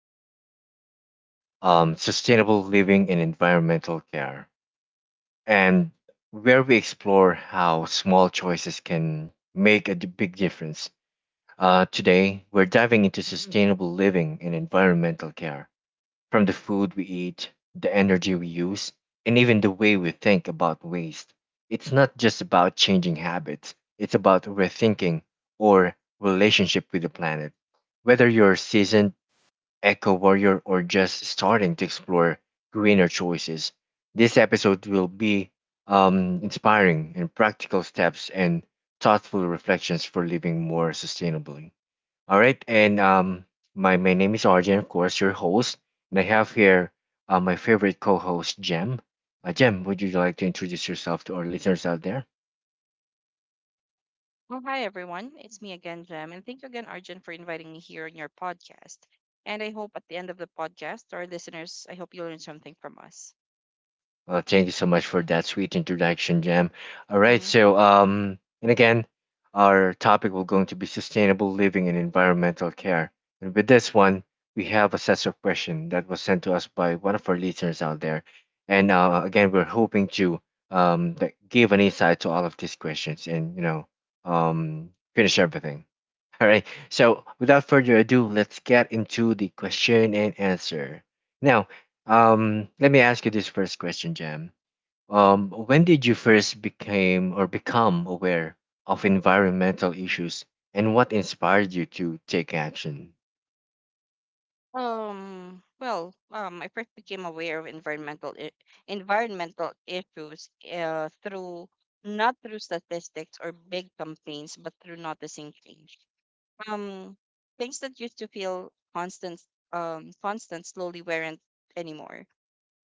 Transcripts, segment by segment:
will be about sustainable living and environmental care, and where we explore how small choices can make a big difference. Today, we're diving into sustainable living and environmental care from the food we eat, the energy we use, and even the way we think about waste. It's not just about changing habits, it's about rethinking our relationship with the planet. Whether you're a seasoned eco warrior or just starting to explore greener choices, this episode will be inspiring and practical steps and thoughtful reflections for living more sustainably. All right, and my name is Arjun, of course, your host, and I have here my favorite co-host, Jem. Jem, would you like to introduce yourself to our listeners out there? Well, hi everyone. It's me again, Jem, and thank you again, Arjun, for inviting me here on your podcast. And I hope at the end of the podcast, our listeners, I hope you learn something from us. Well, thank you so much for Yeah. that sweet introduction, Jam. All right, hmm and again, our topic will going to be sustainable living and environmental care. And with this one, we have a set of questions that was sent to us by one of our listeners out there, and again, we're hoping to that give an insight to all of these questions and finish everything. All right, so without further ado, let's get into the question and answer. Now, let me ask you this first question, Jam. When did you first became or become aware of environmental issues, and what inspired you to take action? I first became aware of environmental issues through not through statistics or big campaigns, but through noticing change. Um, things that used to feel constant, constant, slowly weren't anymore,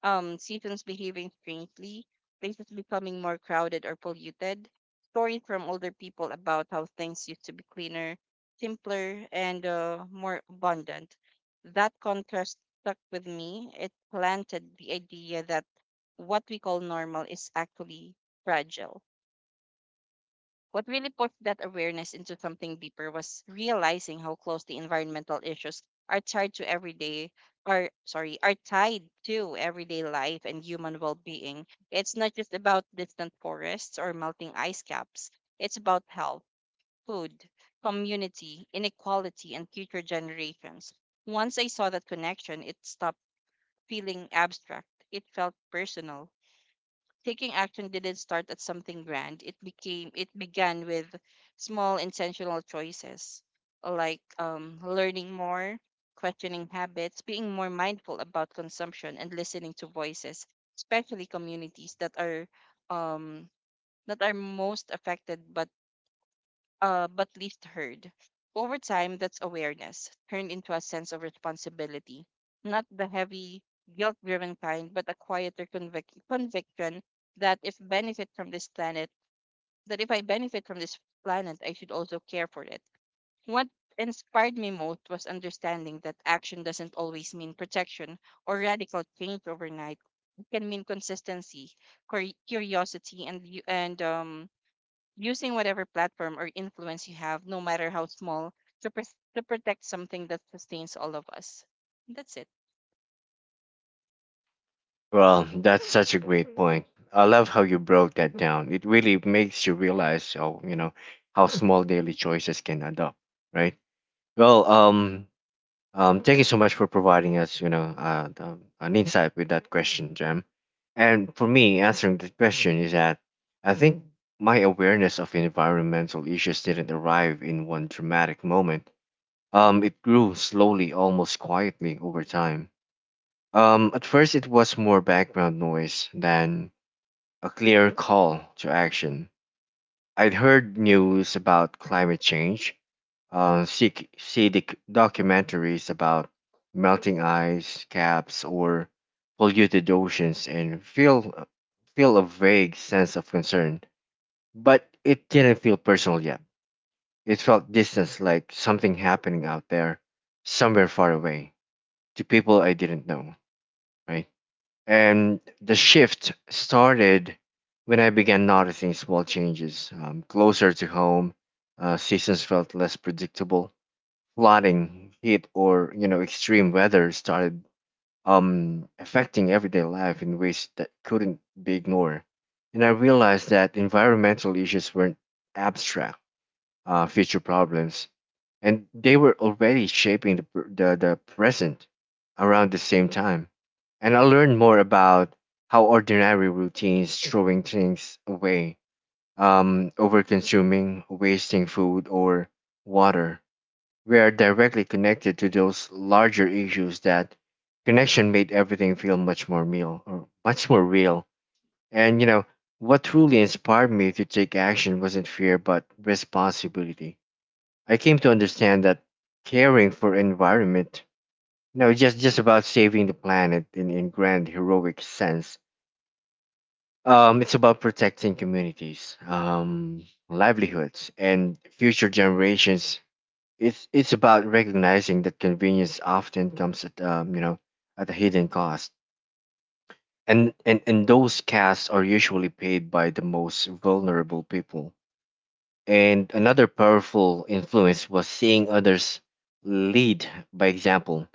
seasons behaving strangely, places becoming more crowded or polluted, stories from older people about how things used to be cleaner, simpler, and more abundant. That contrast stuck with me. It planted the idea that what we call normal is actually fragile. What really pushed that awareness into something deeper was realizing how closely environmental issues are tied to everyday are tied to everyday life and human well-being. It's not just about distant forests or melting ice caps. It's about health, food, community, inequality, and future generations. Once I saw that connection, it stopped feeling abstract. It felt personal. Taking action didn't start at something grand. It began with small intentional choices like learning more, questioning habits, being more mindful about consumption and listening to voices, especially communities that um, are most affected but least heard. Over time, that's awareness turned into a sense of responsibility, not the heavy, guilt driven kind, but a quieter conviction that if benefit from this planet, that if I benefit from this planet, I should also care for it. What inspired me most was understanding that action doesn't always mean protection or radical change overnight. It can mean consistency, curiosity, and, using whatever platform or influence you have, no matter how small, to, to protect something that sustains all of us. That's it. Well, that's such a great point. I love how you broke that down. It really makes you realize how, you know, how small daily choices can add up, right? Well, um, Thank you so much for providing us, you know, the, an insight with that question, Jam. And for me, answering the question is that I think my awareness of environmental issues didn't arrive in one dramatic moment. It grew slowly, almost quietly over time. At first, it was more background noise than a clear call to action. I'd heard news about climate change, see documentaries about melting ice caps or polluted oceans and feel a vague sense of concern. But it didn't feel personal yet. It felt distant, like something happening out there, somewhere far away, to people I didn't know, right? And the shift started when I began noticing small changes closer to home. Seasons felt less predictable flooding, heat, or you know extreme weather started affecting everyday life in ways that couldn't be ignored. And I realized that environmental issues weren't abstract future problems, and they were already shaping the present around the same time. And I learned more about how ordinary routines, throwing things away, over consuming, wasting food or water, we are directly connected to those larger issues that connection made everything feel much more real or much more real, and you know what truly inspired me to take action wasn't fear but responsibility. I came to understand that caring for environment, you know, just about saving the planet in grand heroic sense, it's about protecting communities, livelihoods and future generations. It's about recognizing that convenience often comes at at a hidden cost, and and those costs are usually paid by the most vulnerable people. And another powerful influence was seeing others lead by example.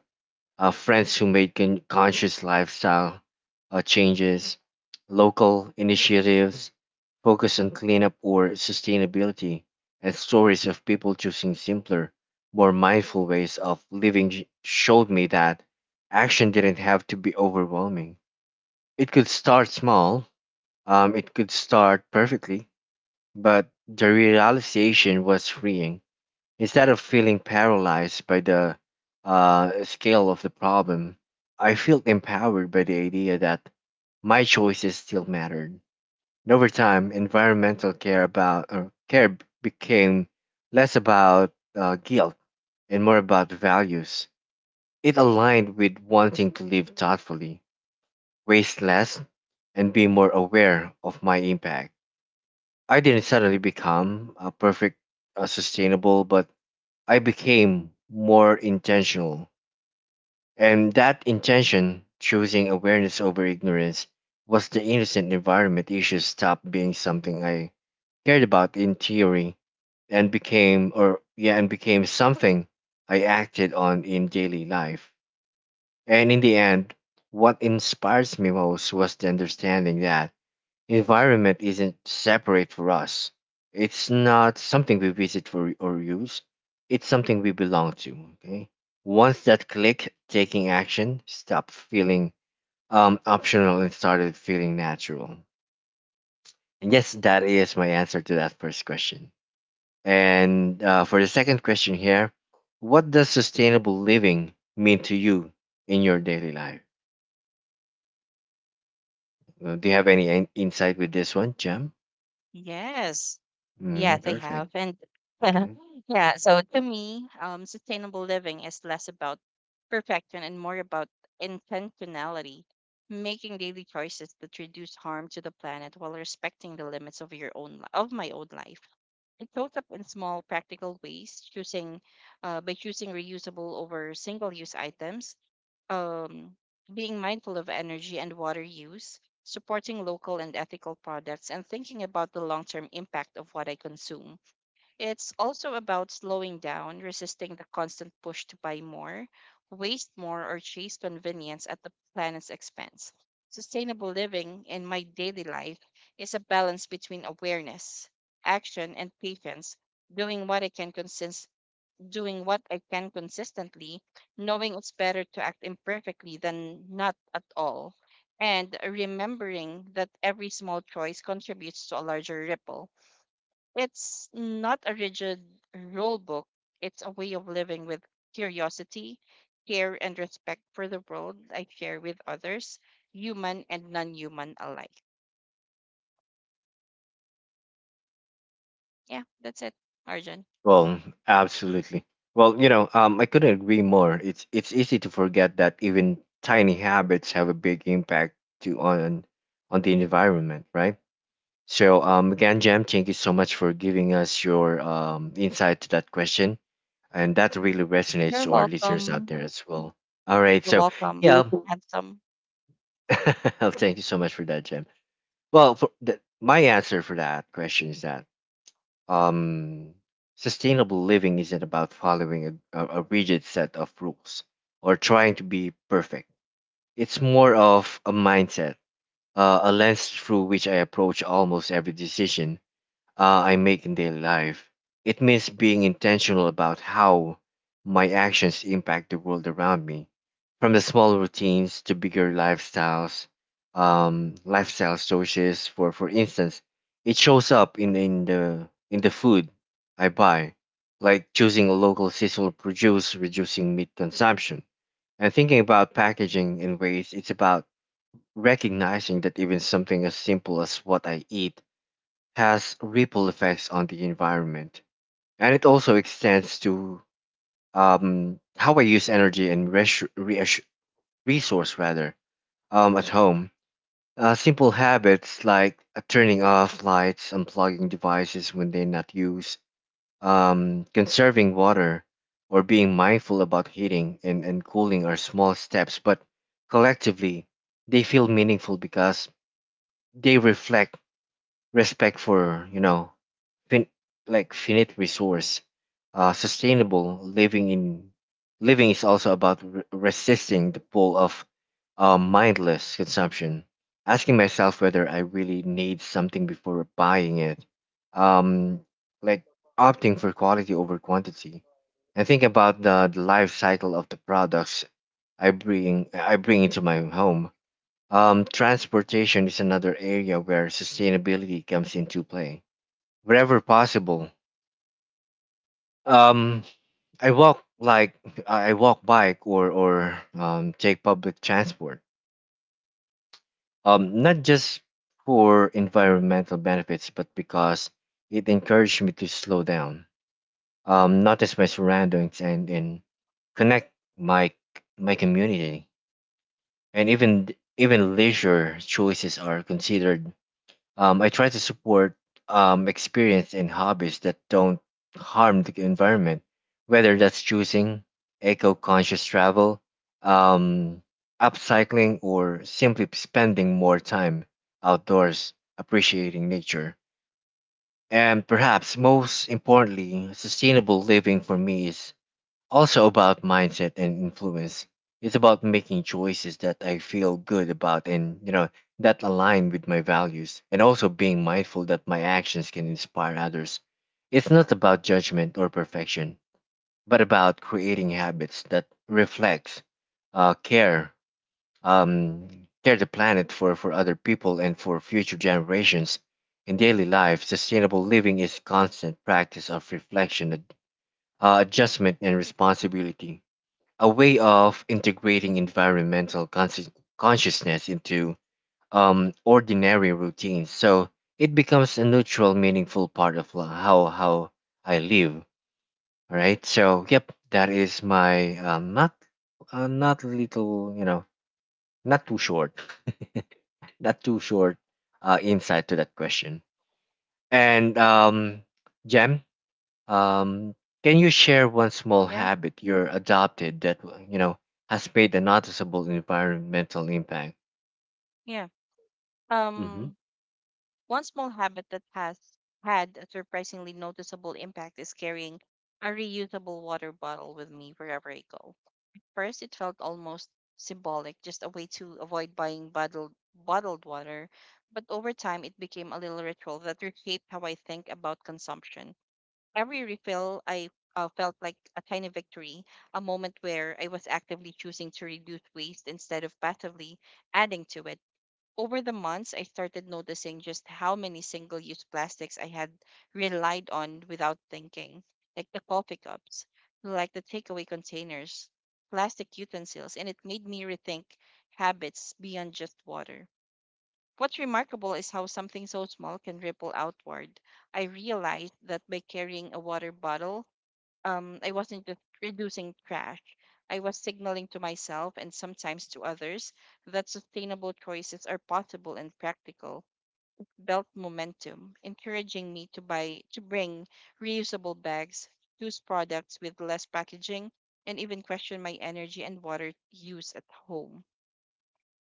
Friends who made conscious lifestyle changes, local initiatives, focus on cleanup or sustainability, and stories of people choosing simpler, more mindful ways of living showed me that action didn't have to be overwhelming. It could start small, it could start perfectly, but the realization was freeing. Instead of feeling paralyzed by the scale of the problem, I felt empowered by the idea that my choices still mattered. And over time, environmental care about or care became less about guilt and more about values. It aligned with wanting to live thoughtfully, waste less, and be more aware of my impact. I didn't suddenly become a perfect, sustainable, but I became more intentional. And that intention, choosing awareness over ignorance, was the innocent environment issues stopped being something I cared about in theory and became or yeah and became something I acted on in daily life. And in the end, what inspires me most was the understanding that environment isn't separate for us. It's not something we visit for or use. It's something we belong to. Okay. Once that click, taking action stopped feeling optional and started feeling natural. And yes, that is my answer to that first question. And for the second question here, what does sustainable living mean to you in your daily life? Do you have any insight with this one, Jem? Yes. Yeah, Mm, they have. perfect. And Okay. yeah, so to me, sustainable living is less about perfection and more about intentionality, making daily choices that reduce harm to the planet while respecting the limits of my own life. It shows up in small practical ways, choosing by choosing reusable over single use items, um, being mindful of energy and water use, supporting local and ethical products, and thinking about the long term impact of what I consume. It's also about slowing down, resisting the constant push to buy more, waste more, or chase convenience at the planet's expense. Sustainable living in my daily life is a balance between awareness, action, and patience, doing what I can consist doing what I can consistently, knowing it's better to act imperfectly than not at all, and remembering that every small choice contributes to a larger ripple. It's not a rigid rule book, it's a way of living with curiosity, care, and respect for the world I share with others, human and non human alike. Yeah, that's it, Arjun. Well, absolutely. Well, you know, I couldn't agree more. It's easy to forget that even tiny habits have a big impact to on the environment, right? So, again, Jam, thank you so much for giving us your insight to that question, and that really resonates You're to our listeners out welcome. there as well. All right, You're so welcome. yeah, thank Handsome. you. Thank you so much for that, Jam. Well, for the, my answer for that question is that um, sustainable living isn't about following a rigid set of rules or trying to be perfect. It's more of a mindset, a lens through which I approach almost every decision I make in daily life. It means being intentional about how my actions impact the world around me, from the small routines to bigger lifestyles, lifestyle choices. For instance, it shows up in the food I buy, like choosing local seasonal produce, reducing meat consumption, and thinking about packaging and waste. It's about recognizing that even something as simple as what I eat has ripple effects on the environment, and it also extends to how I use energy and resource rather at home. Simple habits like turning off lights, unplugging devices when they're not used, conserving water, or being mindful about heating and cooling are small steps, but collectively they feel meaningful because they reflect respect for you know fin- like finite resource. Sustainable living in living is also about resisting the pull of mindless consumption. Asking myself whether I really need something before buying it. Um, like opting for quality over quantity. And think about the life cycle of the products I bring into my home. Transportation is another area where sustainability comes into play. Wherever possible, um, I walk like I walk bike or take public transport. Not just for environmental benefits, but because it encouraged me to slow down, notice my surroundings, and connect my my community. And even leisure choices are considered. I try to support experience and hobbies that don't harm the environment, whether that's choosing eco-conscious travel, um, upcycling, or simply spending more time outdoors appreciating nature. And perhaps most importantly, sustainable living for me is also about mindset and influence. It's about making choices that I feel good about and you know that align with my values and also being mindful that my actions can inspire others. It's not about judgment or perfection, but about creating habits that reflects care um, care the planet for other people and for future generations. In daily life, sustainable living is constant practice of reflection, adjustment, and responsibility, a way of integrating environmental consciousness into ordinary routines. So it becomes a neutral, meaningful part of how I live. All right. So yep, that is my not not little, you know, not too short, not too short insight to that question. And Jem, um, can you share one small Yeah, habit you're adopted that you know has made a noticeable environmental impact? yeah. Hmm. Um, One small habit that has had a surprisingly noticeable impact is carrying a reusable water bottle with me wherever I go. First, it felt almost symbolic, just a way to avoid buying bottled water, but over time it became a little ritual that reshaped how I think about consumption. Every refill, I felt like a tiny victory, a moment where I was actively choosing to reduce waste instead of passively adding to it. Over the months, I started noticing just how many single use plastics I had relied on without thinking, like the coffee cups, like the takeaway containers, plastic utensils, and it made me rethink habits beyond just water. What's remarkable is how something so small can ripple outward. I realized that by carrying a water bottle, I wasn't just reducing trash. I was signaling to myself and sometimes to others that sustainable choices are possible and practical. Belt momentum, encouraging me to bring reusable bags, choose products with less packaging, and even question my energy and water use at home.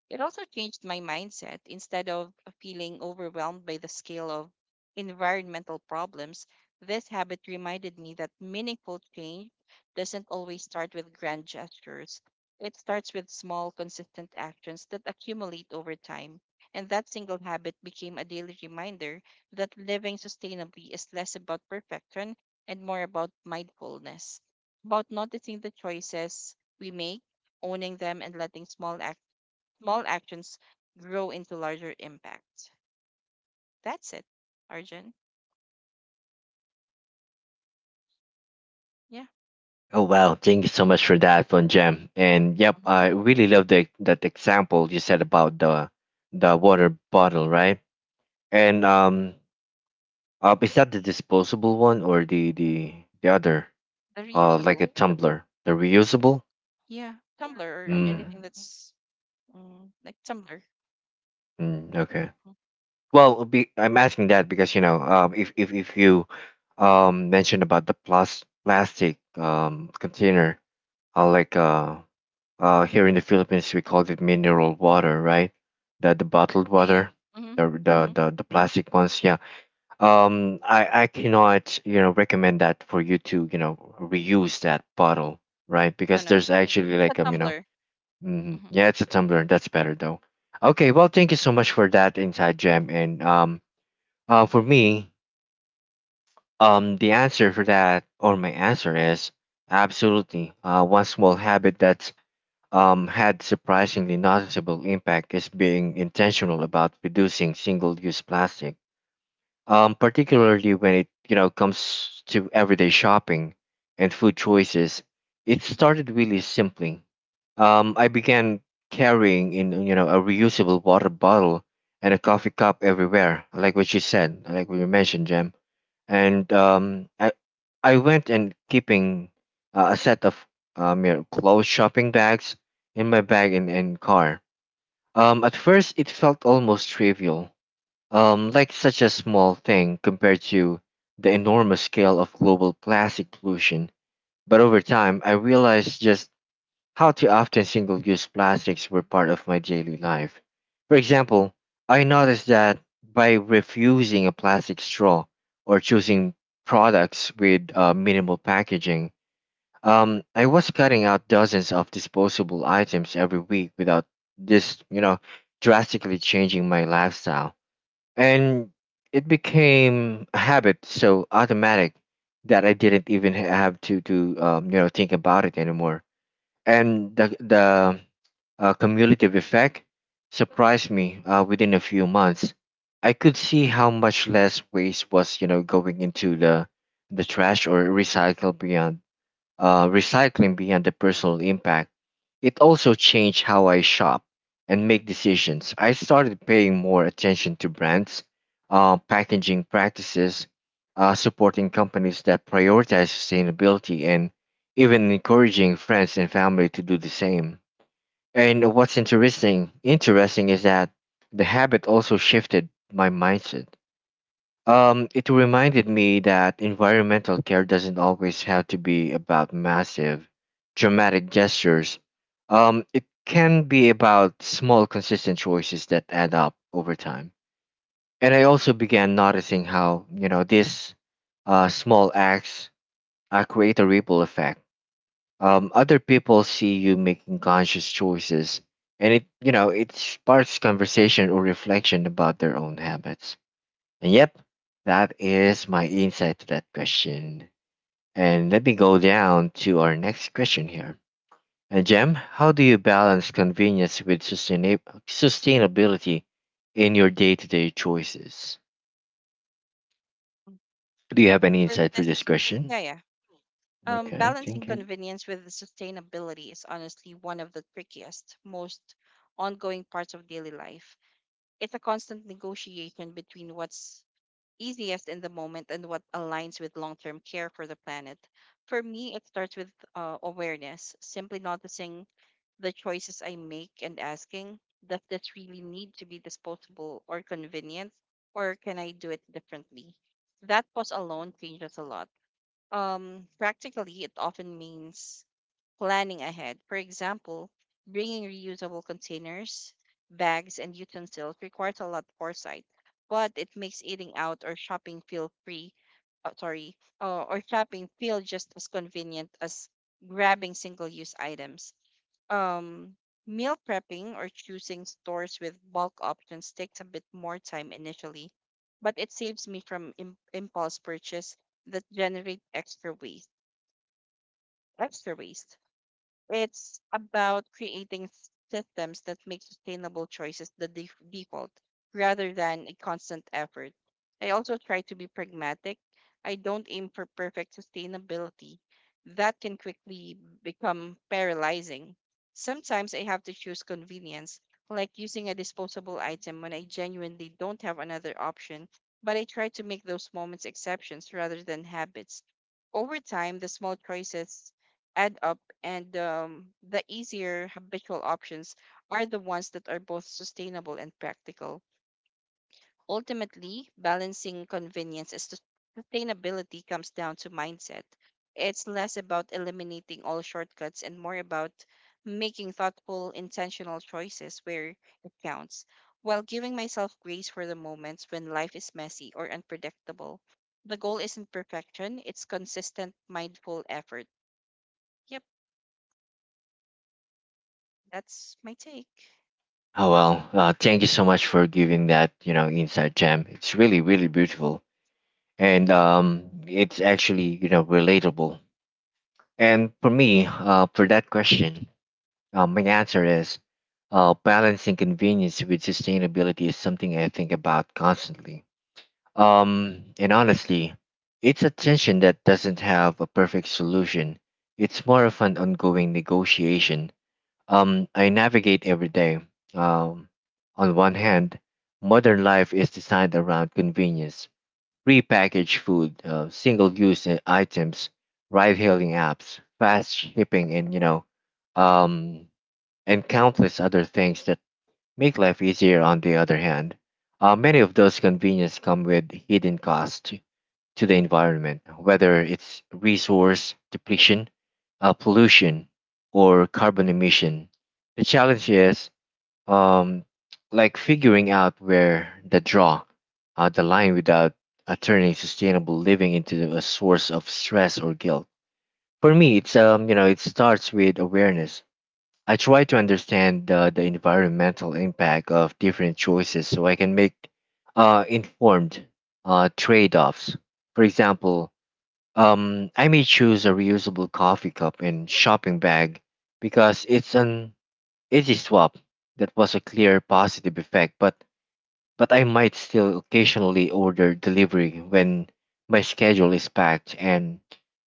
It also changed my mindset. Instead of feeling overwhelmed by the scale of environmental problems, this habit reminded me that meaningful change doesn't always start with grand gestures. It starts with small, consistent actions that accumulate over time. And that single habit became a daily reminder that living sustainably is less about perfection and more about mindfulness, about noticing the choices we make, owning them, and letting small actions grow into larger impact. That's it, Arjun. Yeah. Oh wow! Thank you so much for that one, Jam. And yep, hmm I really love the that example you said about the water bottle, right? And is that the disposable one or the other? The Like a reusable. tumbler, the reusable. Yeah. Tumblr or Mm, anything that's mm, like Tumblr. mm, okay. Mhm. Well, be, I'm asking that because you know, if if you mentioned about the plus plastic container, uh, like uh here in the Philippines we call it mineral water, right? The bottled Yeah, yeah. water, Mm-hmm. Mm-hmm. The plastic ones, yeah. I cannot you know recommend that for you to you know reuse that bottle, right? No, Because no. there's actually It's a like Tumblr. mhm. hmm Yeah, it's a tumbler. That's better though. Okay, well, thank you so much for that inside gem and for me, the answer for that, or my answer is absolutely. One small habit that's had surprisingly noticeable impact is being intentional about reducing single-use plastic, particularly when it comes to everyday shopping and food choices. It started really simply. I began carrying in a reusable water bottle and a coffee cup everywhere, like what you said, like what you mentioned, Jem and I went and keeping a set of clothes shopping bags in my bag and car. At first, it felt almost trivial, like such a small thing compared to the enormous scale of global plastic pollution. But over time, I realized just how too often single use plastics were part of my daily life. For example, I noticed that by refusing a plastic straw or choosing products with minimal packaging, I was cutting out dozens of disposable items every week without this, you know, drastically changing my lifestyle. And it became a habit so automatic that I didn't even have to think about it anymore, and the cumulative effect surprised me. Within a few months, I could see how much less waste was going into the trash or recycle beyond recycling. Beyond the personal impact, it also changed how I shop and make decisions. I started paying more attention to brands, packaging practices, supporting companies that prioritize sustainability, and even encouraging friends and family to do the same. And what's interesting is that the habit also shifted my mindset. It reminded me that environmental care doesn't always have to be about massive, dramatic gestures. It can be about small, consistent choices that add up over time. And I also began noticing how, these small acts create a ripple effect. Other people see you making conscious choices, and it sparks conversation or reflection about their own habits. And yep, that is my insight to that question. And let me go down to our next question here. And Jem, how do you balance convenience with sustainability in your day-to-day choices? Do you have any For insight for this, this question? yeah, yeah. Okay, Balancing thank you. convenience with sustainability is honestly one of the trickiest, most ongoing parts of daily life. It's a constant negotiation between what's easiest in the moment and what aligns with long term care for the planet. For me, it starts with awareness, simply noticing the choices I make and asking, does this really need to be disposable or convenient, or can I do it differently? That pause alone changes a lot. Practically, it often means planning ahead. For example, bringing reusable containers, bags, and utensils requires a lot of foresight, but it makes eating out or shopping feel free, sorry, or shopping feel just as convenient as grabbing single-use items. Um, meal prepping or choosing stores with bulk options takes a bit more time initially, but it saves me from impulse purchase that generate extra waste. It's about creating systems that make sustainable choices the default rather than a constant effort. I also try to be pragmatic. I don't aim for perfect sustainability. That can quickly become paralyzing. Sometimes I have to choose convenience, like using a disposable item when I genuinely don't have another option, but I try to make those moments exceptions rather than habits. Over time, the small choices add up, and the easier habitual options are the ones that are both sustainable and practical. Ultimately, balancing convenience and sustainability comes down to mindset. It's less about eliminating all shortcuts and more about making thoughtful, intentional choices where it counts, while giving myself grace for the moments when life is messy or unpredictable. The goal isn't perfection, it's consistent, mindful effort. Yep. That's my take. Oh well, thank you so much for giving that insight, Jem. It's really really beautiful, and it's actually relatable. And for me, for that question, my answer is balancing convenience with sustainability is something I think about constantly. And honestly, it's a tension that doesn't have a perfect solution. It's more of an ongoing negotiation. I navigate every day. Um, on one hand, modern life is designed around convenience, prepackaged food, single-use items, ride-hailing apps, fast shipping, and um, countless other things that make life easier. On the other hand, many of those conveniences come with hidden costs to the environment, whether it's resource depletion, pollution, or carbon emission. The challenge is um, like figuring out where the line, without turning sustainable living into a source of stress or guilt. For me, it starts with awareness. I try to understand the environmental impact of different choices so I can make informed trade offs. For example, I may choose a reusable coffee cup and shopping bag because it's an easy swap that was a clear positive effect, but I might still occasionally order delivery when my schedule is packed and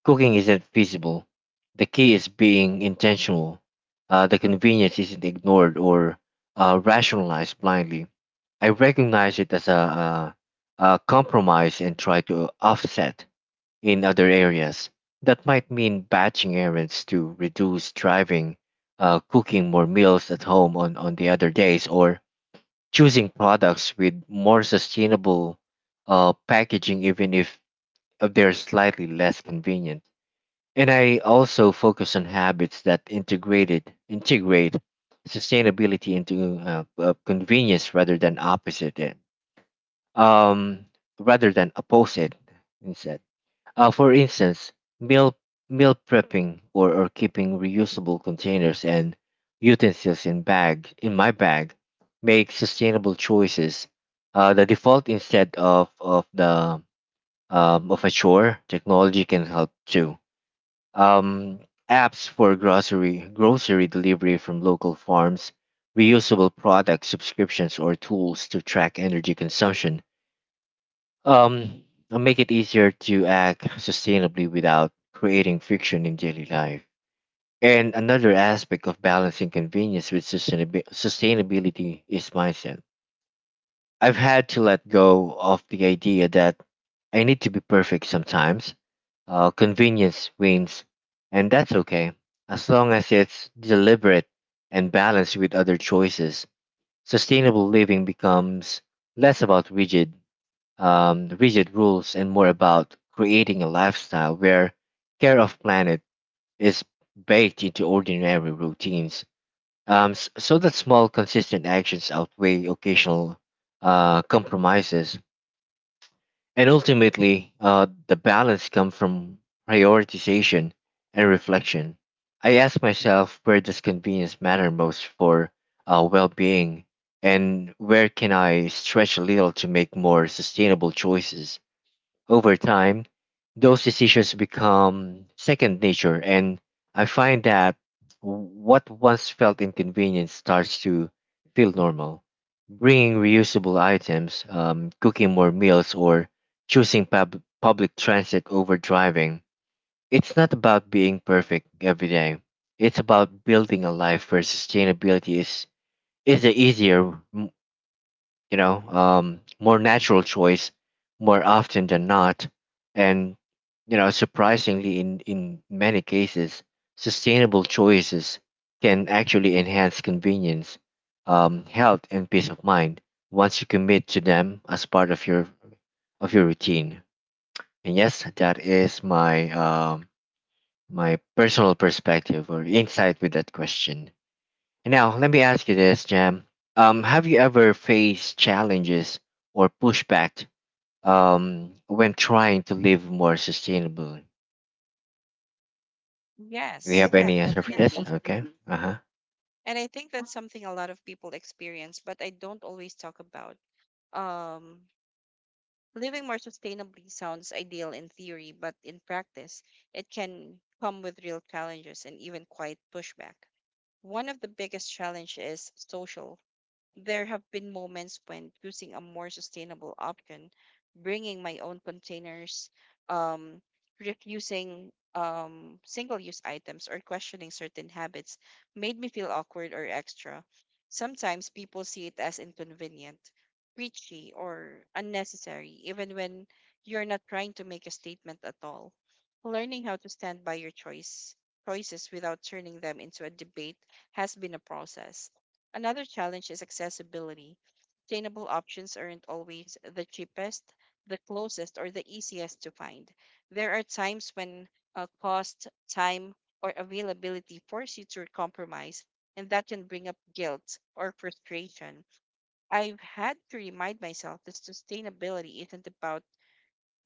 cooking isn't feasible. The key is being intentional. The convenience isn't ignored or rationalized blindly. I recognize it as a compromise and try to offset in other areas. That might mean batching errands to reduce driving, cooking more meals at home on the other days, or choosing products with more sustainable packaging, even if they're slightly less convenient. And I also focus on habits that integrate sustainability into convenience rather than opposite it, um, rather than oppose it instead. For instance, meal meal prepping or keeping reusable containers and utensils in my bag make sustainable choices the default instead of the of a chore. Technology can help too. Um, Apps for grocery delivery from local farms, reusable product subscriptions, or tools to track energy consumption um, make it easier to act sustainably without creating friction in daily life. And another aspect of balancing convenience with sustainability is mindset. I've had to let go of the idea that I need to be perfect. Sometimes convenience wins, and that's okay, as long as it's deliberate and balanced with other choices. Sustainable living becomes less about rigid rules and more about creating a lifestyle where care of planet is baked into ordinary routines, so that small consistent actions outweigh occasional compromises. And ultimately, the balance comes from prioritization and reflection. I ask myself, where does convenience matter most for well-being, and where can I stretch a little to make more sustainable choices? Over time, those decisions become second nature, and I find that what once felt inconvenient starts to feel normal. Bringing reusable items, cooking more meals, or choosing public transit over driving. It's not about being perfect every day. It's about building a life where sustainability is the easier, more natural choice more often than not. And, surprisingly, in many cases, sustainable choices can actually enhance convenience, health, and peace of mind once you commit to them as part of your routine. And yes, that is my personal perspective or insight with that question. Now, let me ask you this, Jam. Have you ever faced challenges or pushback when trying to live more sustainably? Do you Yes, have yes, any answer for Yes, this? definitely. Okay. Uh huh. And I think that's something a lot of people experience, but I don't always talk about. Um, living more sustainably sounds ideal in theory, but in practice, it can come with real challenges and even quite pushback. One of the biggest challenge is social. There have been moments when choosing a more sustainable option, bringing my own containers, um, refusing single use items, or questioning certain habits made me feel awkward or extra. Sometimes people see it as inconvenient, preachy, or unnecessary, even when you're not trying to make a statement at all. Learning how to stand by your choices without turning them into a debate has been a process. Another challenge is accessibility. Sustainable options aren't always the cheapest, the closest, or the easiest to find. There are times when cost, time, or availability force you to compromise, and that can bring up guilt or frustration. I've had to remind myself that sustainability isn't about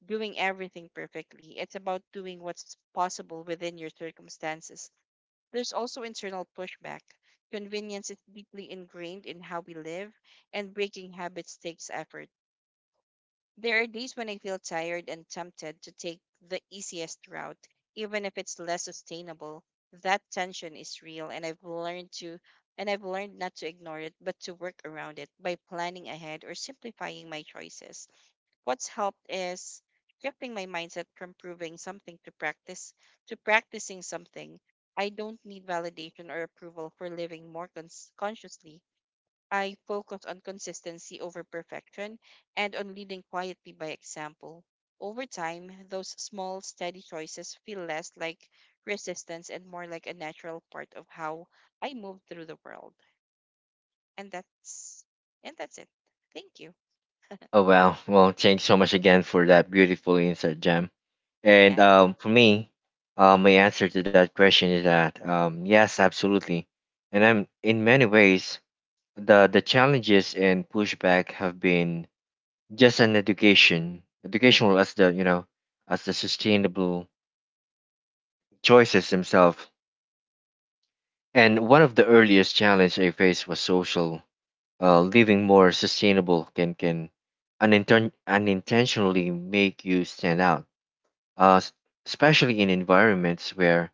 doing everything perfectly, it's about doing what's possible within your circumstances. There's also internal pushback. Convenience is deeply ingrained in how we live, and breaking habits takes effort. There are days when I feel tired and tempted to take the easiest route, even if it's less sustainable. That tension is real, and I've learned not to ignore it, but to work around it by planning ahead or simplifying my choices. What's helped is shifting my mindset from proving something to practicing something. I don't need validation or approval for living more consciously. I focus on consistency over perfection and on leading quietly by example. Over time, those small, steady choices feel less like resistance and more like a natural part of how I move through the world. And that's and that's it. Thank you. Oh, well, well, thanks so much again for that beautiful insight, Jam. And Yeah. For me, my answer to that question is that yes, absolutely. And I'm in many ways, the challenges and pushback have been just an educational as the as the sustainable choices themselves. And one of the earliest challenge I faced was social. Living more sustainable can unintentionally make you stand out, uh, s- especially in environments where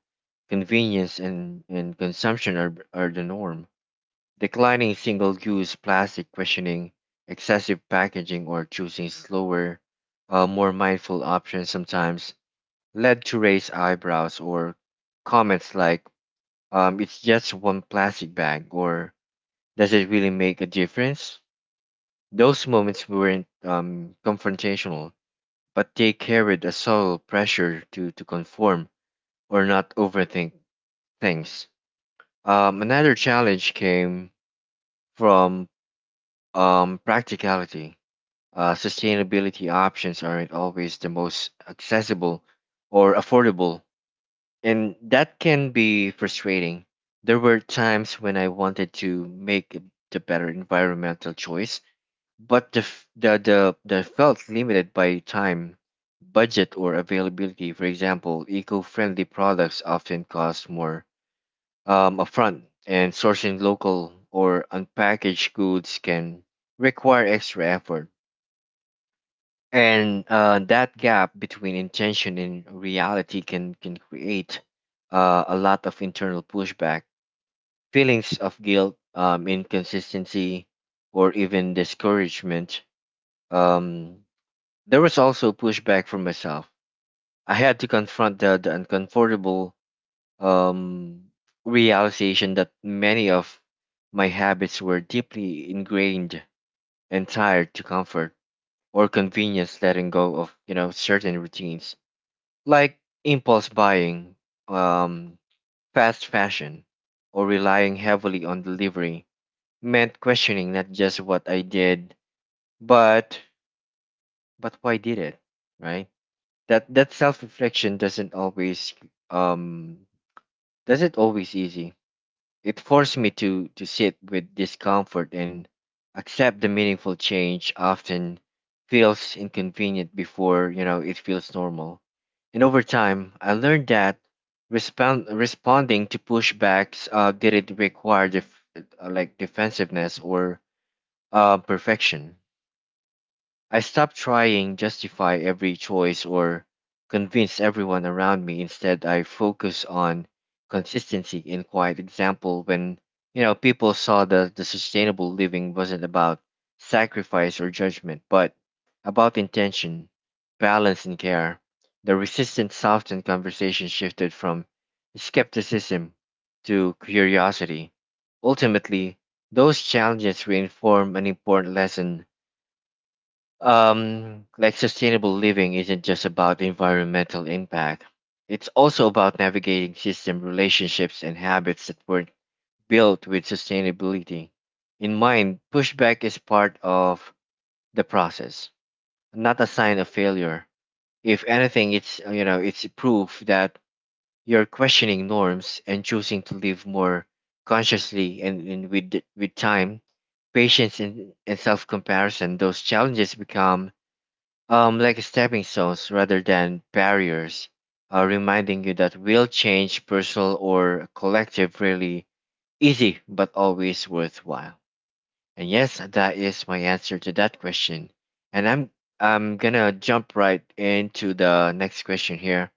convenience and consumption are the norm. Declining single-use plastic, questioning excessive packaging, or choosing slower, more mindful options sometimes led to raised eyebrows or comments like, it's just one plastic bag, or does it really make a difference? Those moments weren't confrontational, but they carried a subtle pressure to conform or not overthink things. Another challenge came from practicality. Sustainability options aren't always the most accessible or affordable, and that can be frustrating. There were times when I wanted to make the better environmental choice, but the, f- the felt limited by time, budget, or availability. For example, eco friendly products often cost more upfront, and sourcing local or unpackaged goods can require extra effort, and that gap between intention and reality can create a lot of internal pushback, feelings of guilt, inconsistency, or even discouragement. um, there was also pushback from myself. I had to confront the uncomfortable um, realization that many of my habits were deeply ingrained and tied to comfort or convenience. Letting go of certain routines like impulse buying, um, fast fashion, or relying heavily on delivery meant questioning not just what I did, but why did it, right? That self reflection um doesn't always easy. It forced me to sit with discomfort and accept the meaningful change often feels inconvenient before it feels normal. And over time, I learned that responding to pushbacks didn't require defensiveness or perfection. I stopped trying justify every choice or convince everyone around me. Instead, I focus on consistency and quiet example. When people saw that the sustainable living wasn't about sacrifice or judgment, but about intention, balance and care, the resistant softened. Conversation shifted from skepticism to curiosity. Ultimately, those challenges reinform an important lesson. Like sustainable living isn't just about environmental impact, it's also about navigating system relationships and habits that were not built with sustainability in mind. Pushback is part of the process, not a sign of failure. If anything, it's proof that you're questioning norms and choosing to live more consciously. And, with time, patience, and self-comparison, those challenges become like stepping stones rather than barriers, reminding you that real change, personal or collective, really easy but always worthwhile. And yes, that is my answer to that question. And I'm gonna jump right into the next question here.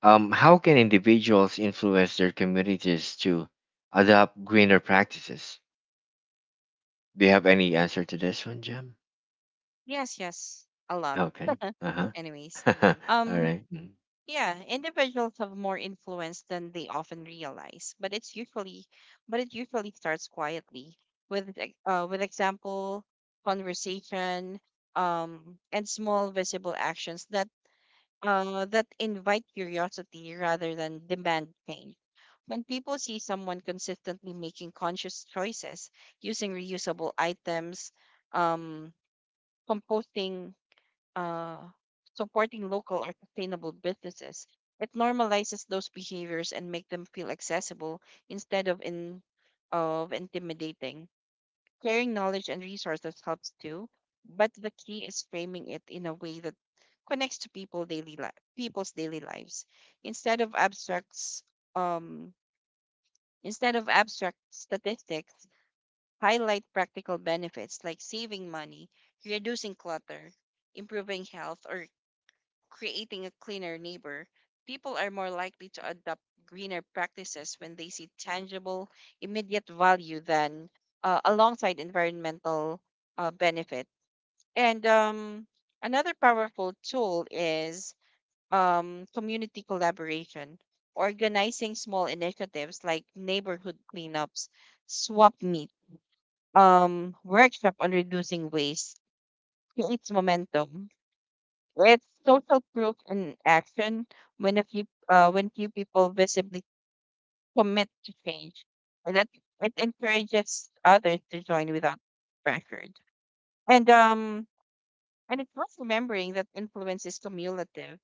How can individuals influence their communities to adopt greener practices? Do you have any answer to this one, Jim? Yes, yes. A lot. Okay. Anyways, huh. All um, right. Mm. yeah, individuals have more influence than they often realize, but it usually starts quietly with with example, conversation, and small visible actions that that invite curiosity rather than demand change. When people see someone consistently making conscious choices, using reusable items, um, composting, uh, supporting local or sustainable businesses. It normalizes those behaviors and make them feel accessible instead of intimidating. Sharing knowledge and resources helps too, but the key is framing it in a way that connects to people's daily lives instead of abstracts um instead of abstract statistics, highlight practical benefits like saving money, reducing clutter, improving health, or creating a cleaner neighbor. People are more likely to adopt greener practices when they see tangible, immediate value than alongside environmental benefit. And Another powerful tool is community collaboration. Organizing small initiatives like neighborhood cleanups, swap meet, workshop on reducing waste creates momentum. It's social proof in action. When a few when few people visibly commit to change, and that it encourages others to join without pressure. And um and it's worth remembering that influence is cumulative.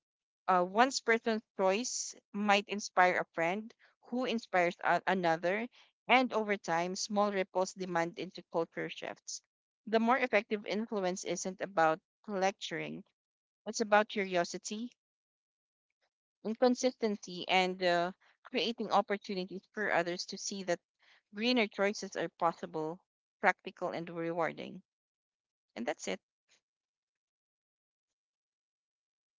One person's choice might inspire a friend who inspires another, and over time, small ripples demand into culture shifts. The more effective influence isn't about lecturing; it's about curiosity, inconsistency, and creating opportunities for others to see that greener choices are possible, practical, and rewarding. And that's it.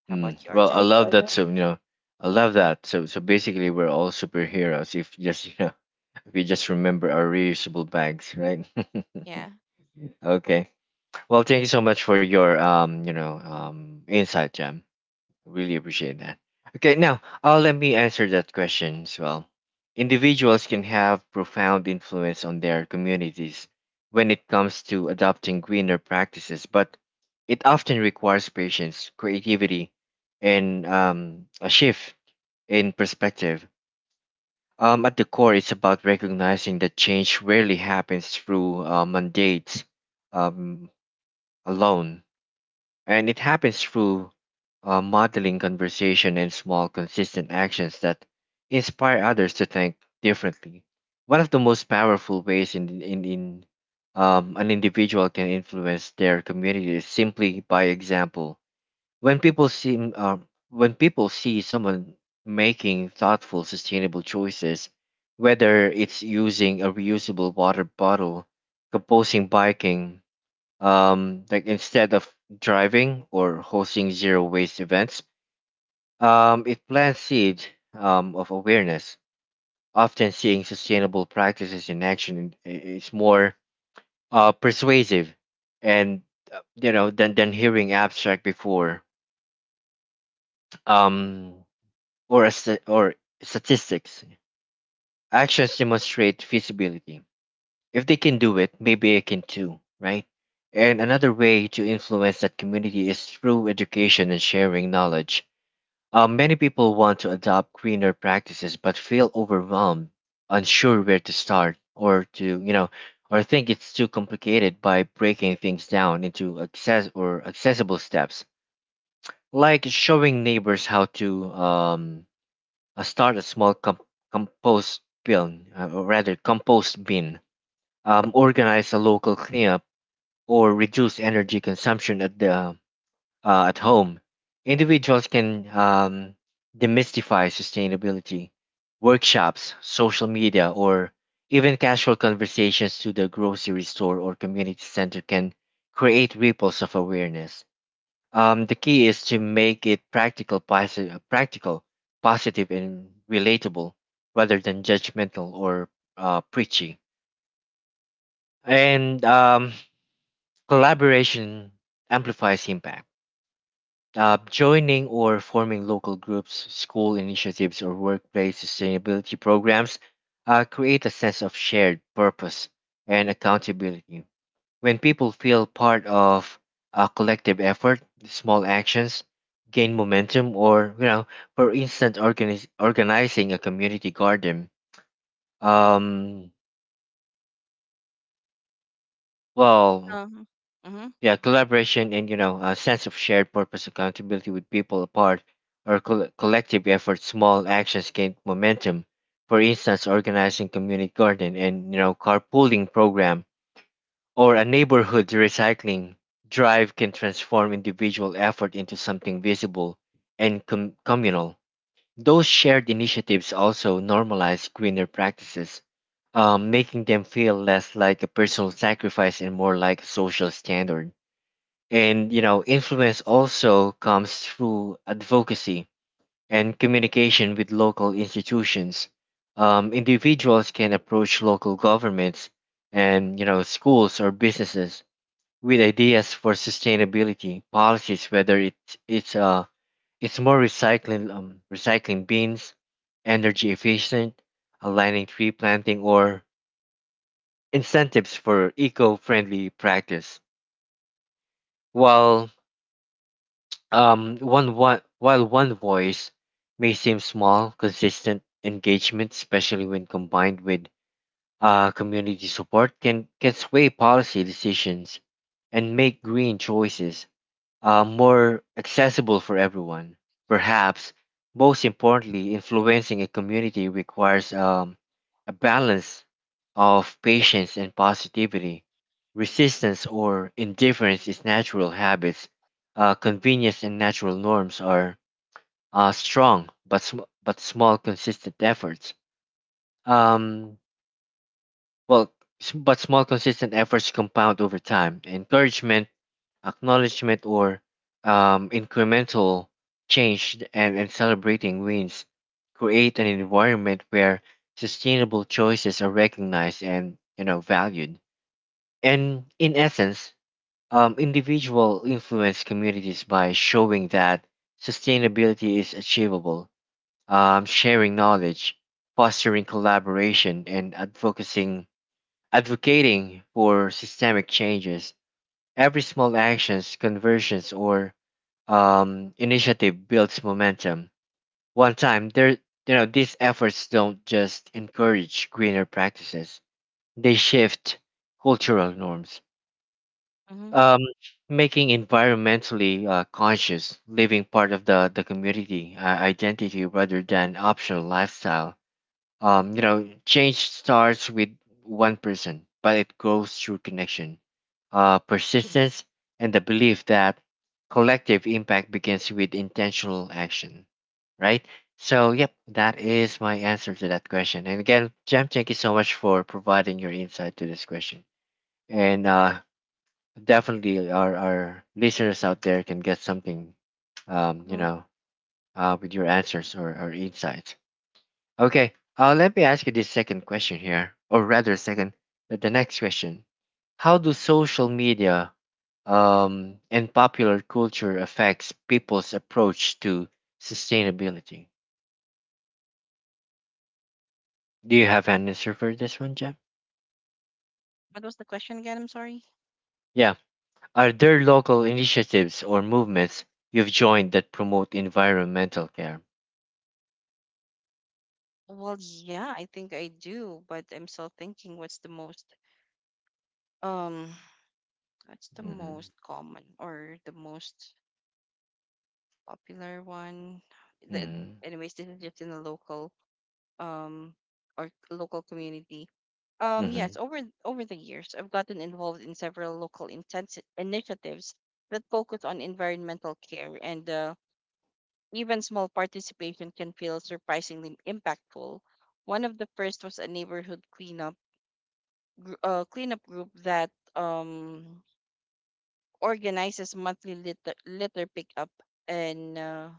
How about you, Well, I Arjun? love So that. Yeah, So you know, I love Mhm. that. So basically, we're all superheroes if just if we just remember our reusable bags, right? Yeah. Okay. Well, thank you so much for your insight, Jam. Really appreciate that. Okay, now let me answer that question as well. Individuals can have profound influence on their communities when it comes to adopting greener practices, but it often requires patience, creativity, and a shift in perspective. At the core, it's about recognizing that change rarely happens through mandates um, alone, and it happens through modeling conversation and small, consistent actions that inspire others to think differently. One of the most powerful ways in an individual can influence their community is simply by example. When people see someone making thoughtful, sustainable choices, whether it's using a reusable water bottle, composting, biking, like instead of driving, or hosting zero waste events, it plants seed of awareness. Often seeing sustainable practices in action is more persuasive, and you know, than hearing abstract before um, or statistics. Actions demonstrate feasibility. If they can do it, maybe I can too, right? And another way to influence that community is through education and sharing knowledge. Many people want to adopt greener practices but feel overwhelmed, unsure where to start, or to, you know, or think it's too complicated by breaking things down into access or accessible steps, like showing neighbors how to start a small compost bin, or rather compost bin, organize a local cleanup, or reduce energy consumption at the at home. Individuals can demystify sustainability. Workshops, social media, or even casual conversations to the grocery store or community center can create ripples of awareness. The key is to make it practical, positive, and relatable, rather than judgmental or preachy. And Collaboration amplifies impact. Joining or forming local groups, school initiatives, or workplace sustainability programs create a sense of shared purpose and accountability. When people feel part of a collective effort, small actions gain momentum. Or, you know, for instance, organizing a community garden. Um, well, Um, mm-hmm, yeah, collaboration and you know a sense of shared purpose accountability with people apart or collective effort, small actions gain momentum. For instance, organizing community garden and you know carpooling program or a neighborhood recycling drive can transform individual effort into something visible and communal. Those shared initiatives also normalize greener practices, making them feel less like a personal sacrifice and more like a social standard. And you know, influence also comes through advocacy and communication with local institutions. Individuals can approach local governments and you know schools or businesses with ideas for sustainability policies, whether it's more recycling, recycling bins, energy efficient, aligning tree planting, or incentives for eco-friendly practice. While while one voice may seem small, consistent engagement, especially when combined with community support, can sway policy decisions and make green choices more accessible for everyone. Perhaps most importantly, influencing a community requires a balance of patience and positivity. Resistance or indifference is natural habits. Convenience and natural norms are strong, but small, consistent efforts. Um, well, but small, consistent efforts compound over time. Encouragement, acknowledgement, or incremental change, and celebrating wins create an environment where sustainable choices are recognized and you know valued. And in essence, individual influence communities by showing that sustainability is achievable, sharing knowledge, fostering collaboration, and advocating for systemic changes. Every small actions, conversions, or initiative builds momentum. One time, there, you know, these efforts don't just encourage greener practices; they shift cultural norms, mm-hmm, um, making environmentally conscious living part of the community identity rather than optional lifestyle. You know, change starts with one person, but it grows through connection, persistence, and the belief that collective impact begins with intentional action, right? So, yep, that is my answer to that question. And again, Jam, thank you so much for providing your insight to this question. And definitely, our listeners out there can get something, um, you mm-hmm. know, with your answers or insights. Okay, let me ask you this second question here, or rather, second, the next question. How do social media and popular culture affects people's approach to sustainability? Do you have an answer for this one, Jeff? What was the question again? I'm sorry. Yeah. Are there local initiatives or movements you've joined that promote environmental care? Well, yeah, I think I do, but I'm still thinking um what's the Mm-hmm. most common or the most popular one. The, Mm-hmm. Anyways, this is just in a local um or local community. Mm-hmm. Yes, over the years, I've gotten involved in several local initiatives that focus on environmental care, and even small participation can feel surprisingly impactful. One of the first was a neighborhood cleanup group that um, organizes monthly litter pickup and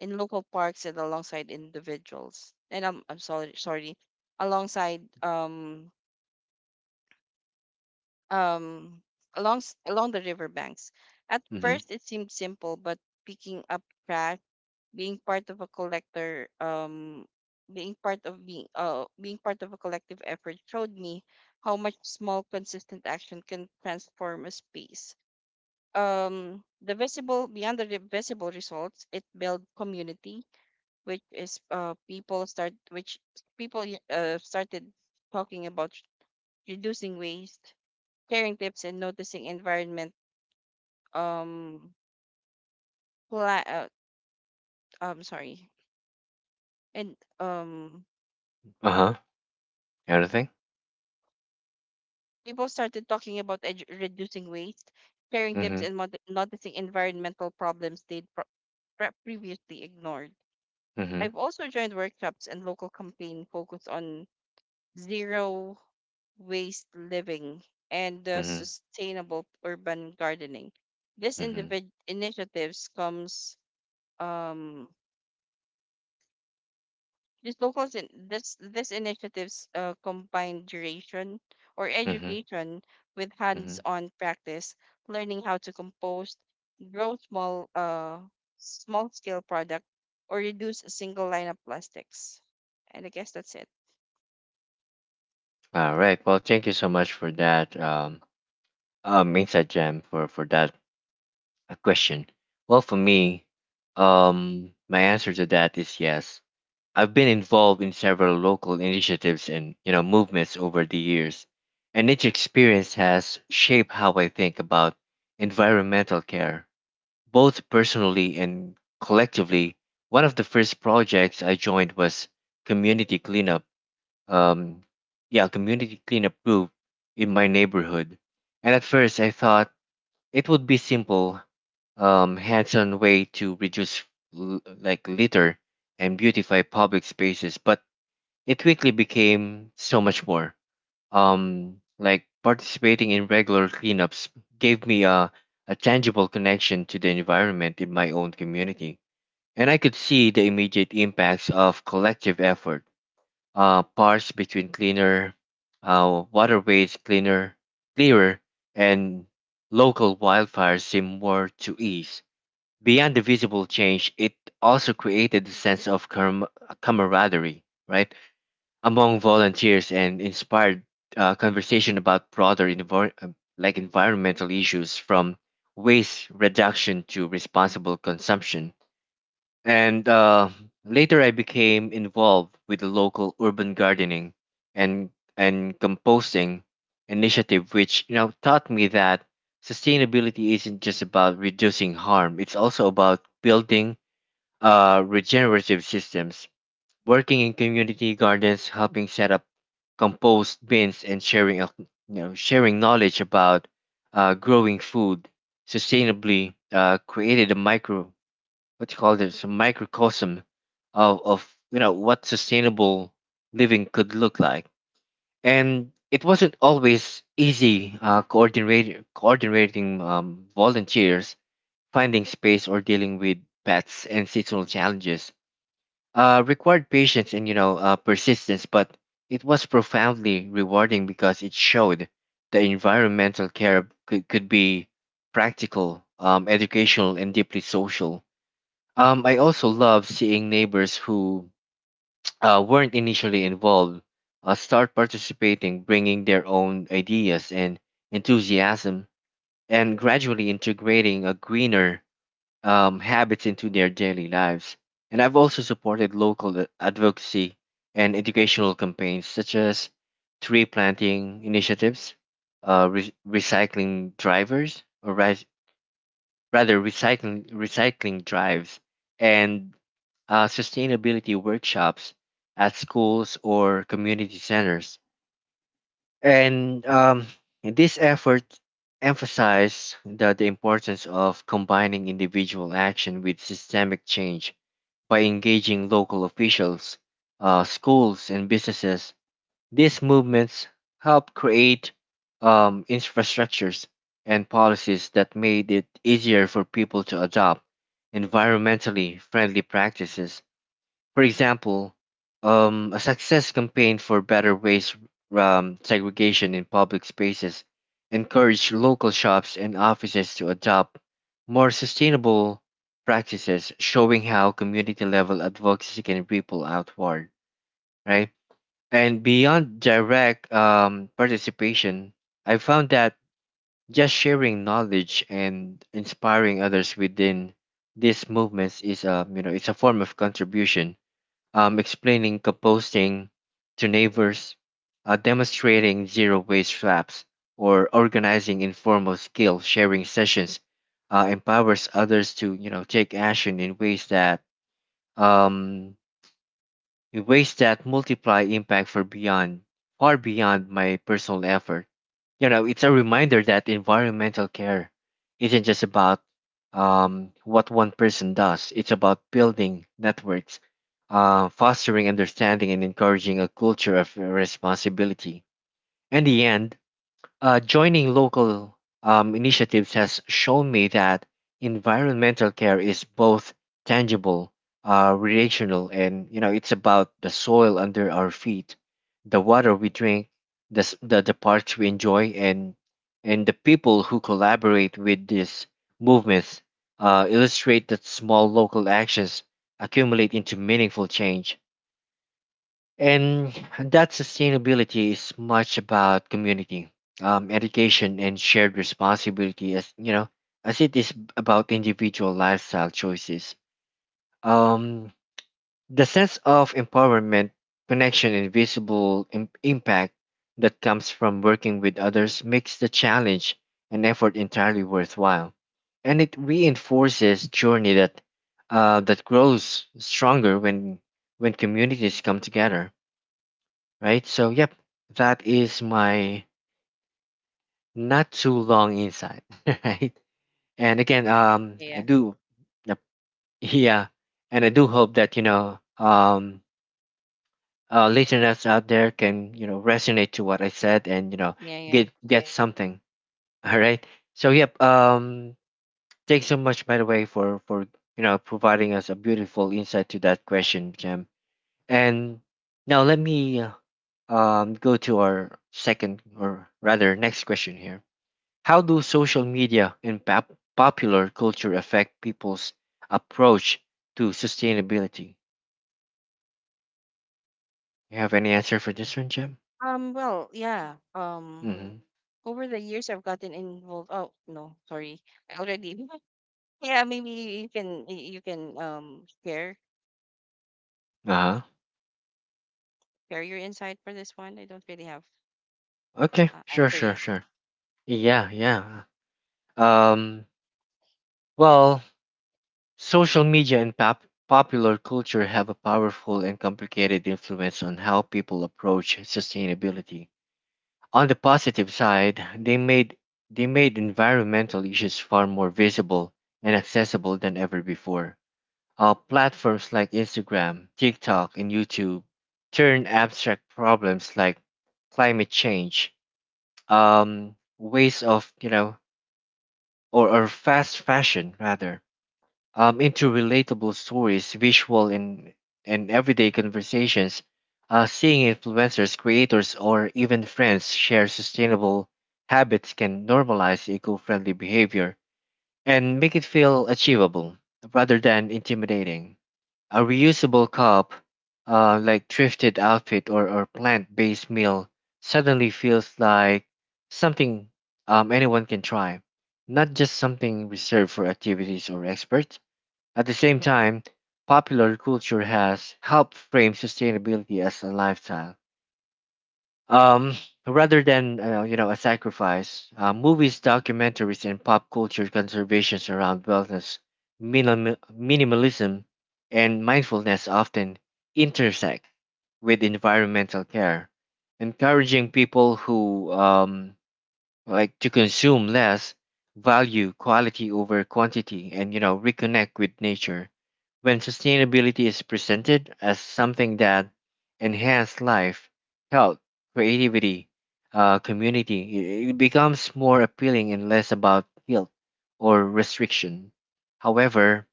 in local parks and alongside individuals. And I'm sorry, sorry, alongside um, along the riverbanks. At Mm-hmm. first, it seemed simple, but picking up trash, being part of a collector, being part of being being part of a collective effort showed me how much small, consistent action can transform a space. The visible beyond the re- visible results, it built community, which is people start which people y- started talking about reducing waste, sharing tips, and noticing environment um pla- sorry and Uh-huh. Anything? people started talking about reducing waste, sharing tips, Mm-hmm. and noticing environmental problems they'd previously ignored. Mm-hmm. I've also joined workshops and local campaign focused on zero waste living and Mm-hmm. sustainable urban gardening. These Mm-hmm. individ- initiatives comes um These locals in this this initiatives combine duration or Mm-hmm. education with Mm-hmm. hands-on practice, learning how to compose, grow small-scale product, or reduce a single line of plastics. And I guess that's it. All right. Well, thank you so much for that insight, Jam, for that question. Well, for me, my answer to that is yes. I've been involved in several local initiatives and you know movements over the years, and each experience has shaped how I think about environmental care, both personally and collectively. One of the first projects I joined was community cleanup. um, yeah, community cleanup group in my neighborhood. And at first, I thought it would be simple, hands-on way to reduce like litter and beautify public spaces. But it quickly became so much more. Like participating in regular cleanups gave me a tangible connection to the environment in my own community, and I could see the immediate impacts of collective effort, parts between cleaner waterways, cleaner, clearer, and local wildfires seem more to ease. Beyond the visible change, it also created a sense of camaraderie, right, among volunteers, and inspired conversation about broader like environmental issues, from waste reduction to responsible consumption. And later I became involved with the local urban gardening and composting initiative, which you know taught me that sustainability isn't just about reducing harm. It's also about building regenerative systems. Working in community gardens, helping set up compost bins, and sharing you know sharing knowledge about growing food sustainably created a micro, what you call this, a microcosm of you know what sustainable living could look like. And it wasn't always easy. Coordinating volunteers, finding space, or dealing with pets and seasonal challenges required patience and you know persistence, but it was profoundly rewarding because it showed that environmental care could be practical, educational, and deeply social. I also love seeing neighbors who weren't initially involved start participating, bringing their own ideas and enthusiasm, and gradually integrating a greener habits into their daily lives. And I've also supported local advocacy and educational campaigns such as tree planting initiatives, recycling drivers, or rather recycling drives, and sustainability workshops at schools or community centers. And This effort emphasized the importance of combining individual action with systemic change. By engaging local officials, schools, and businesses, these movements help create infrastructures and policies that made it easier for people to adopt environmentally friendly practices. For example, a success campaign for better waste segregation in public spaces encouraged local shops and offices to adopt more sustainable practices, showing how community level advocacy can ripple outward, right? And beyond direct participation, I found that just sharing knowledge and inspiring others within these movements is a you know it's a form of contribution. Explaining composting to neighbors, demonstrating zero waste traps, or organizing informal skill sharing sessions empowers others to you know take action um, in ways that multiply impact for beyond far beyond my personal effort. You know, it's a reminder that environmental care isn't just about what one person does. It's about building networks, fostering understanding, and encouraging a culture of responsibility. In the end, joining local initiatives has shown me that environmental care is both tangible, relational, and you know it's about the soil under our feet, the water we drink, the parks we enjoy, and the people who collaborate with these movements illustrate that small local actions accumulate into meaningful change. And that sustainability is much about community, education, and shared responsibility, as you know, as it is about individual lifestyle choices. Um, the sense of empowerment, connection, and visible impact that comes from working with others makes the challenge and effort entirely worthwhile, and it reinforces journey that that grows stronger when communities come together, right? So, yep, that is my not too long insight, right? And again, I Yeah. do, yep, yeah, and I do hope that listeners out there can resonate to what I said, and Yeah. Yeah. get Right. something, all right? So, yep, thanks so much, by the way, for providing us a beautiful insight to that question, Jam. And now let me go to our second, or rather next question here. How do social media and popular culture affect people's approach to sustainability? You have any answer for this one, Jim? Well, yeah. Mm-hmm. Over the years, I've gotten involved. Oh no, sorry, I already. Yeah, maybe you can share Uh-huh. share your insight for this one. I don't really have Okay. Sure, answer sure, yet. sure. Yeah, yeah. Mhm. Um, well, social media and popular culture have a powerful and complicated influence on how people approach sustainability. On the positive side, they made environmental issues far more visible and accessible than ever before. Platforms like Instagram, TikTok, and YouTube turn abstract problems like climate change, ways of, you know, or fast fashion rather, into relatable stories, visual, and everyday conversations. Seeing influencers, creators, or even friends share sustainable habits can normalize eco friendly behavior and make it feel achievable rather than intimidating. A reusable cup, like thrifted outfit, or plant-based meal suddenly feels like something anyone can try, not just something reserved for activities or experts. At the same time, popular culture has helped frame sustainability as a lifestyle, um, rather than a sacrifice. Movies, documentaries, and pop culture conservations around wellness, minimalism, and mindfulness often intersect with environmental care, encouraging people who like to consume less, value quality over quantity, and, reconnect with nature. When sustainability is presented as something that enhances life, health, creativity, community, it becomes more appealing and less about guilt or restriction. However,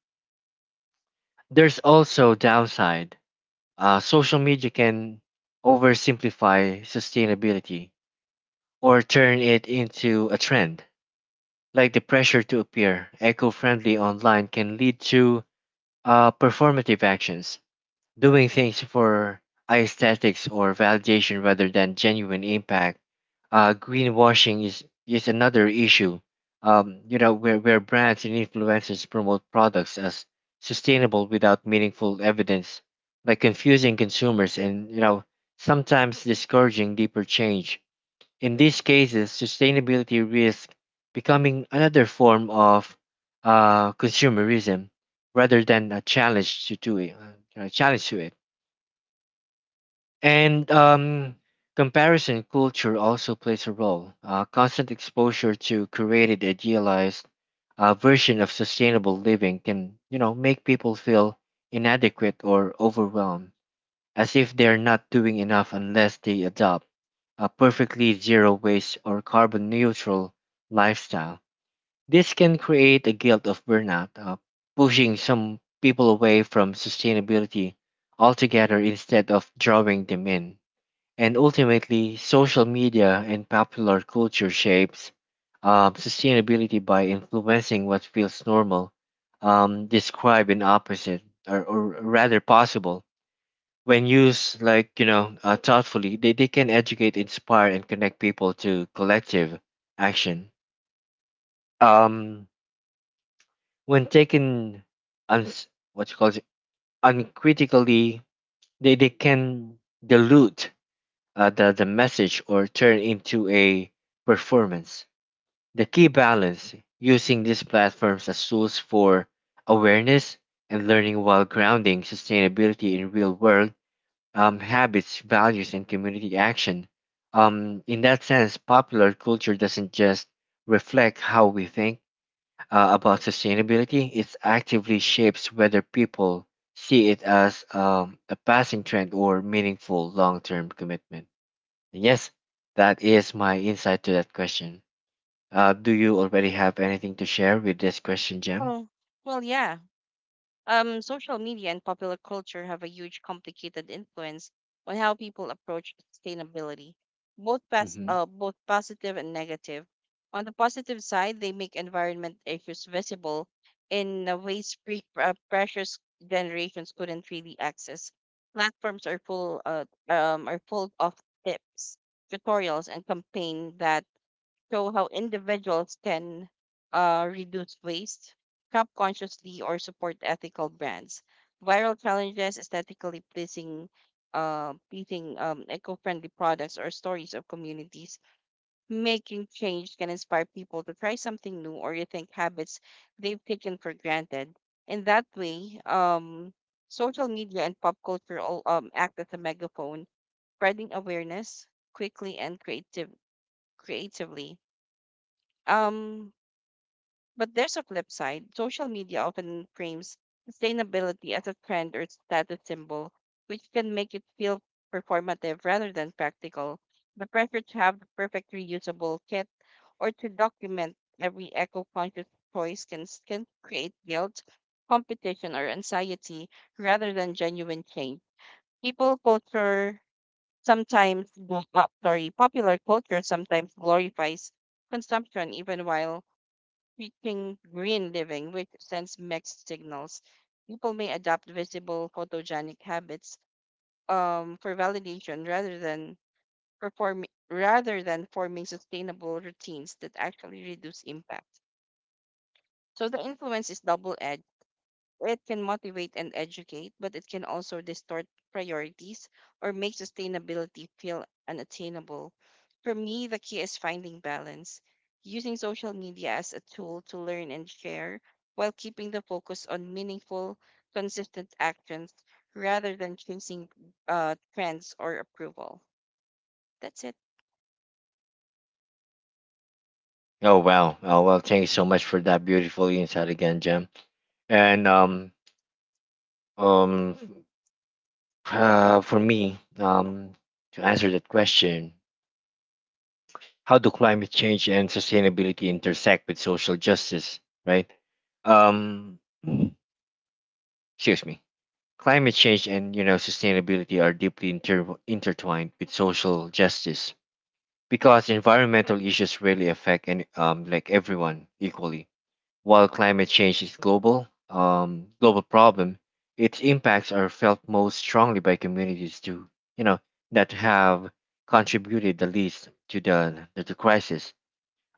there's also downside. Social media can oversimplify sustainability or turn it into a trend, like the pressure to appear eco friendly online can lead to performative actions, doing things for aesthetics or validation rather than genuine impact. Greenwashing is another issue, where, brands and influencers promote products as sustainable without meaningful evidence, like confusing consumers and, sometimes discouraging deeper change. In these cases, sustainability risks becoming another form of consumerism rather than a challenge to do it, a challenge to it. And comparison culture also plays a role. Constant exposure to created, idealized version of sustainable living can, make people feel inadequate or overwhelmed, as if they're not doing enough unless they adopt a perfectly zero waste or carbon neutral lifestyle. This can create a guilt of burnout, pushing some people away from sustainability altogether instead of drawing them in. And ultimately, social media and popular culture shapes sustainability by influencing what feels normal, describe an opposite, or rather possible. When used like, thoughtfully, they can educate, inspire, and connect people to collective action. um when taken uns what you call it uncritically, they can dilute the message or turn into a performance. The key balance, using these platforms as tools for awareness and learning while grounding sustainability in real world habits, values, and community action. In that sense, popular culture doesn't just reflect how we think about sustainability, it actively shapes whether people see it as a passing trend or meaningful long term commitment. Yes, that is my insight to that question. Do you already have anything to share with this question, Jem? Oh, well, yeah. Social media and popular culture have a huge, complicated influence on how people approach sustainability, both Hmm. Both positive and negative. On the positive side, they make environment issues visible in ways precious generations couldn't really access. Platforms are full of tips, tutorials, and campaign that show how individuals can reduce waste, shop consciously, or support ethical brands. Viral challenges, pleasing eco-friendly products, or stories of communities making change can inspire people to try something new or rethink habits they've taken for granted. In that way, social media and pop culture all act as a megaphone, spreading awareness quickly and creatively. Um, but there's a flip side. Social media often frames sustainability as a trend or status symbol, which can make it feel performative rather than practical. The pressure to have the perfect reusable kit or to document every eco conscious choice can create guilt, competition, or anxiety rather than genuine change. People culture sometimes, sorry, Popular culture sometimes glorifies consumption even while teaching green living, which sends mixed signals. People may adopt visible photogenic habits for validation perform rather than forming sustainable routines that actually reduce impact. So the influence is double-edged. It can motivate and educate, but it can also distort priorities or make sustainability feel unattainable. For me, the key is finding balance, using social media as a tool to learn and share while keeping the focus on meaningful, consistent actions rather than chasing trends or approval. That's it. Oh, wow! Oh well, thank you so much for that beautiful insight again, Jem. And um, for me, to answer that question, how do climate change and sustainability intersect with social justice? Right? Um, Excuse me. Climate change and, sustainability are deeply intertwined with social justice, because environmental issues really affect and, like everyone equally. While climate change is global problem, its impacts are felt most strongly by communities to you know that have contributed the least to the crisis.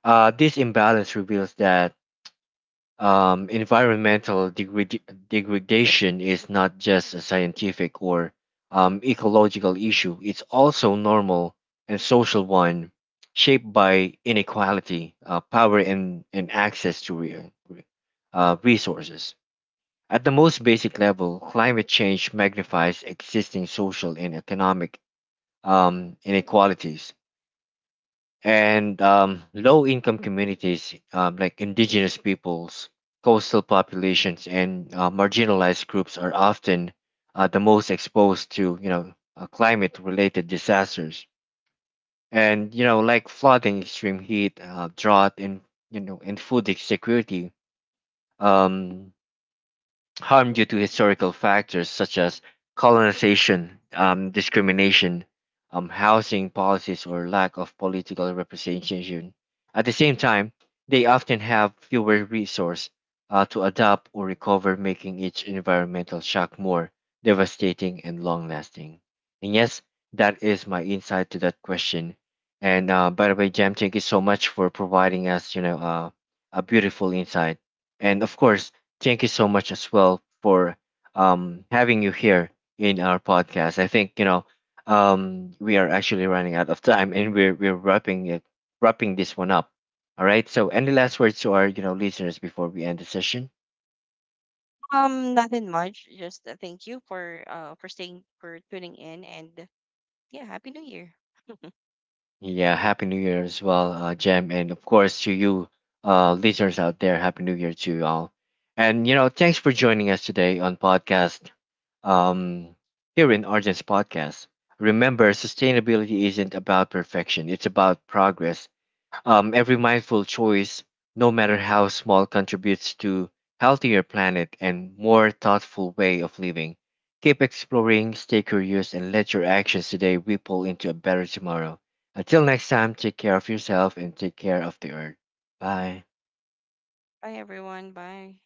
This imbalance reveals that environmental degradation is not just a scientific or ecological issue, it's also normal and social one, shaped by inequality, power, and access to resources. At the most basic level, climate change magnifies existing social and economic inequalities. And Low income communities, like indigenous peoples, coastal populations, and marginalized groups, are often the most exposed to, climate related disasters, and, like flooding, extreme heat, drought, and, food insecurity. um, Harm due to historical factors such as colonization, discrimination, housing policies, or lack of political representation. At the same time, they often have fewer resources to adapt or recover, making each environmental shock more devastating and long lasting. And yes, that is my insight to that question. And, by the way, Jam, thank you so much for providing us, a beautiful insight. And of course, thank you so much as well for having you here in our podcast. I think, we are actually running out of time, and we're wrapping this one up. All right. So, any last words to our, listeners before we end the session? Nothing much. Just thank you for staying, for tuning in, and yeah, happy new year. Yeah, Happy New Year as well, Jem, and of course to you, listeners out there, Happy New Year to you all. And, thanks for joining us today on podcast. Um, Here in Argent's podcast, remember sustainability isn't about perfection; it's about progress. Every mindful choice, no matter how small, contributes to healthier planet and more thoughtful way of living. Keep exploring, stay curious, and let your actions today ripple into a better tomorrow. Until next time, take care of yourself and take care of the earth. Bye. Bye everyone. Bye.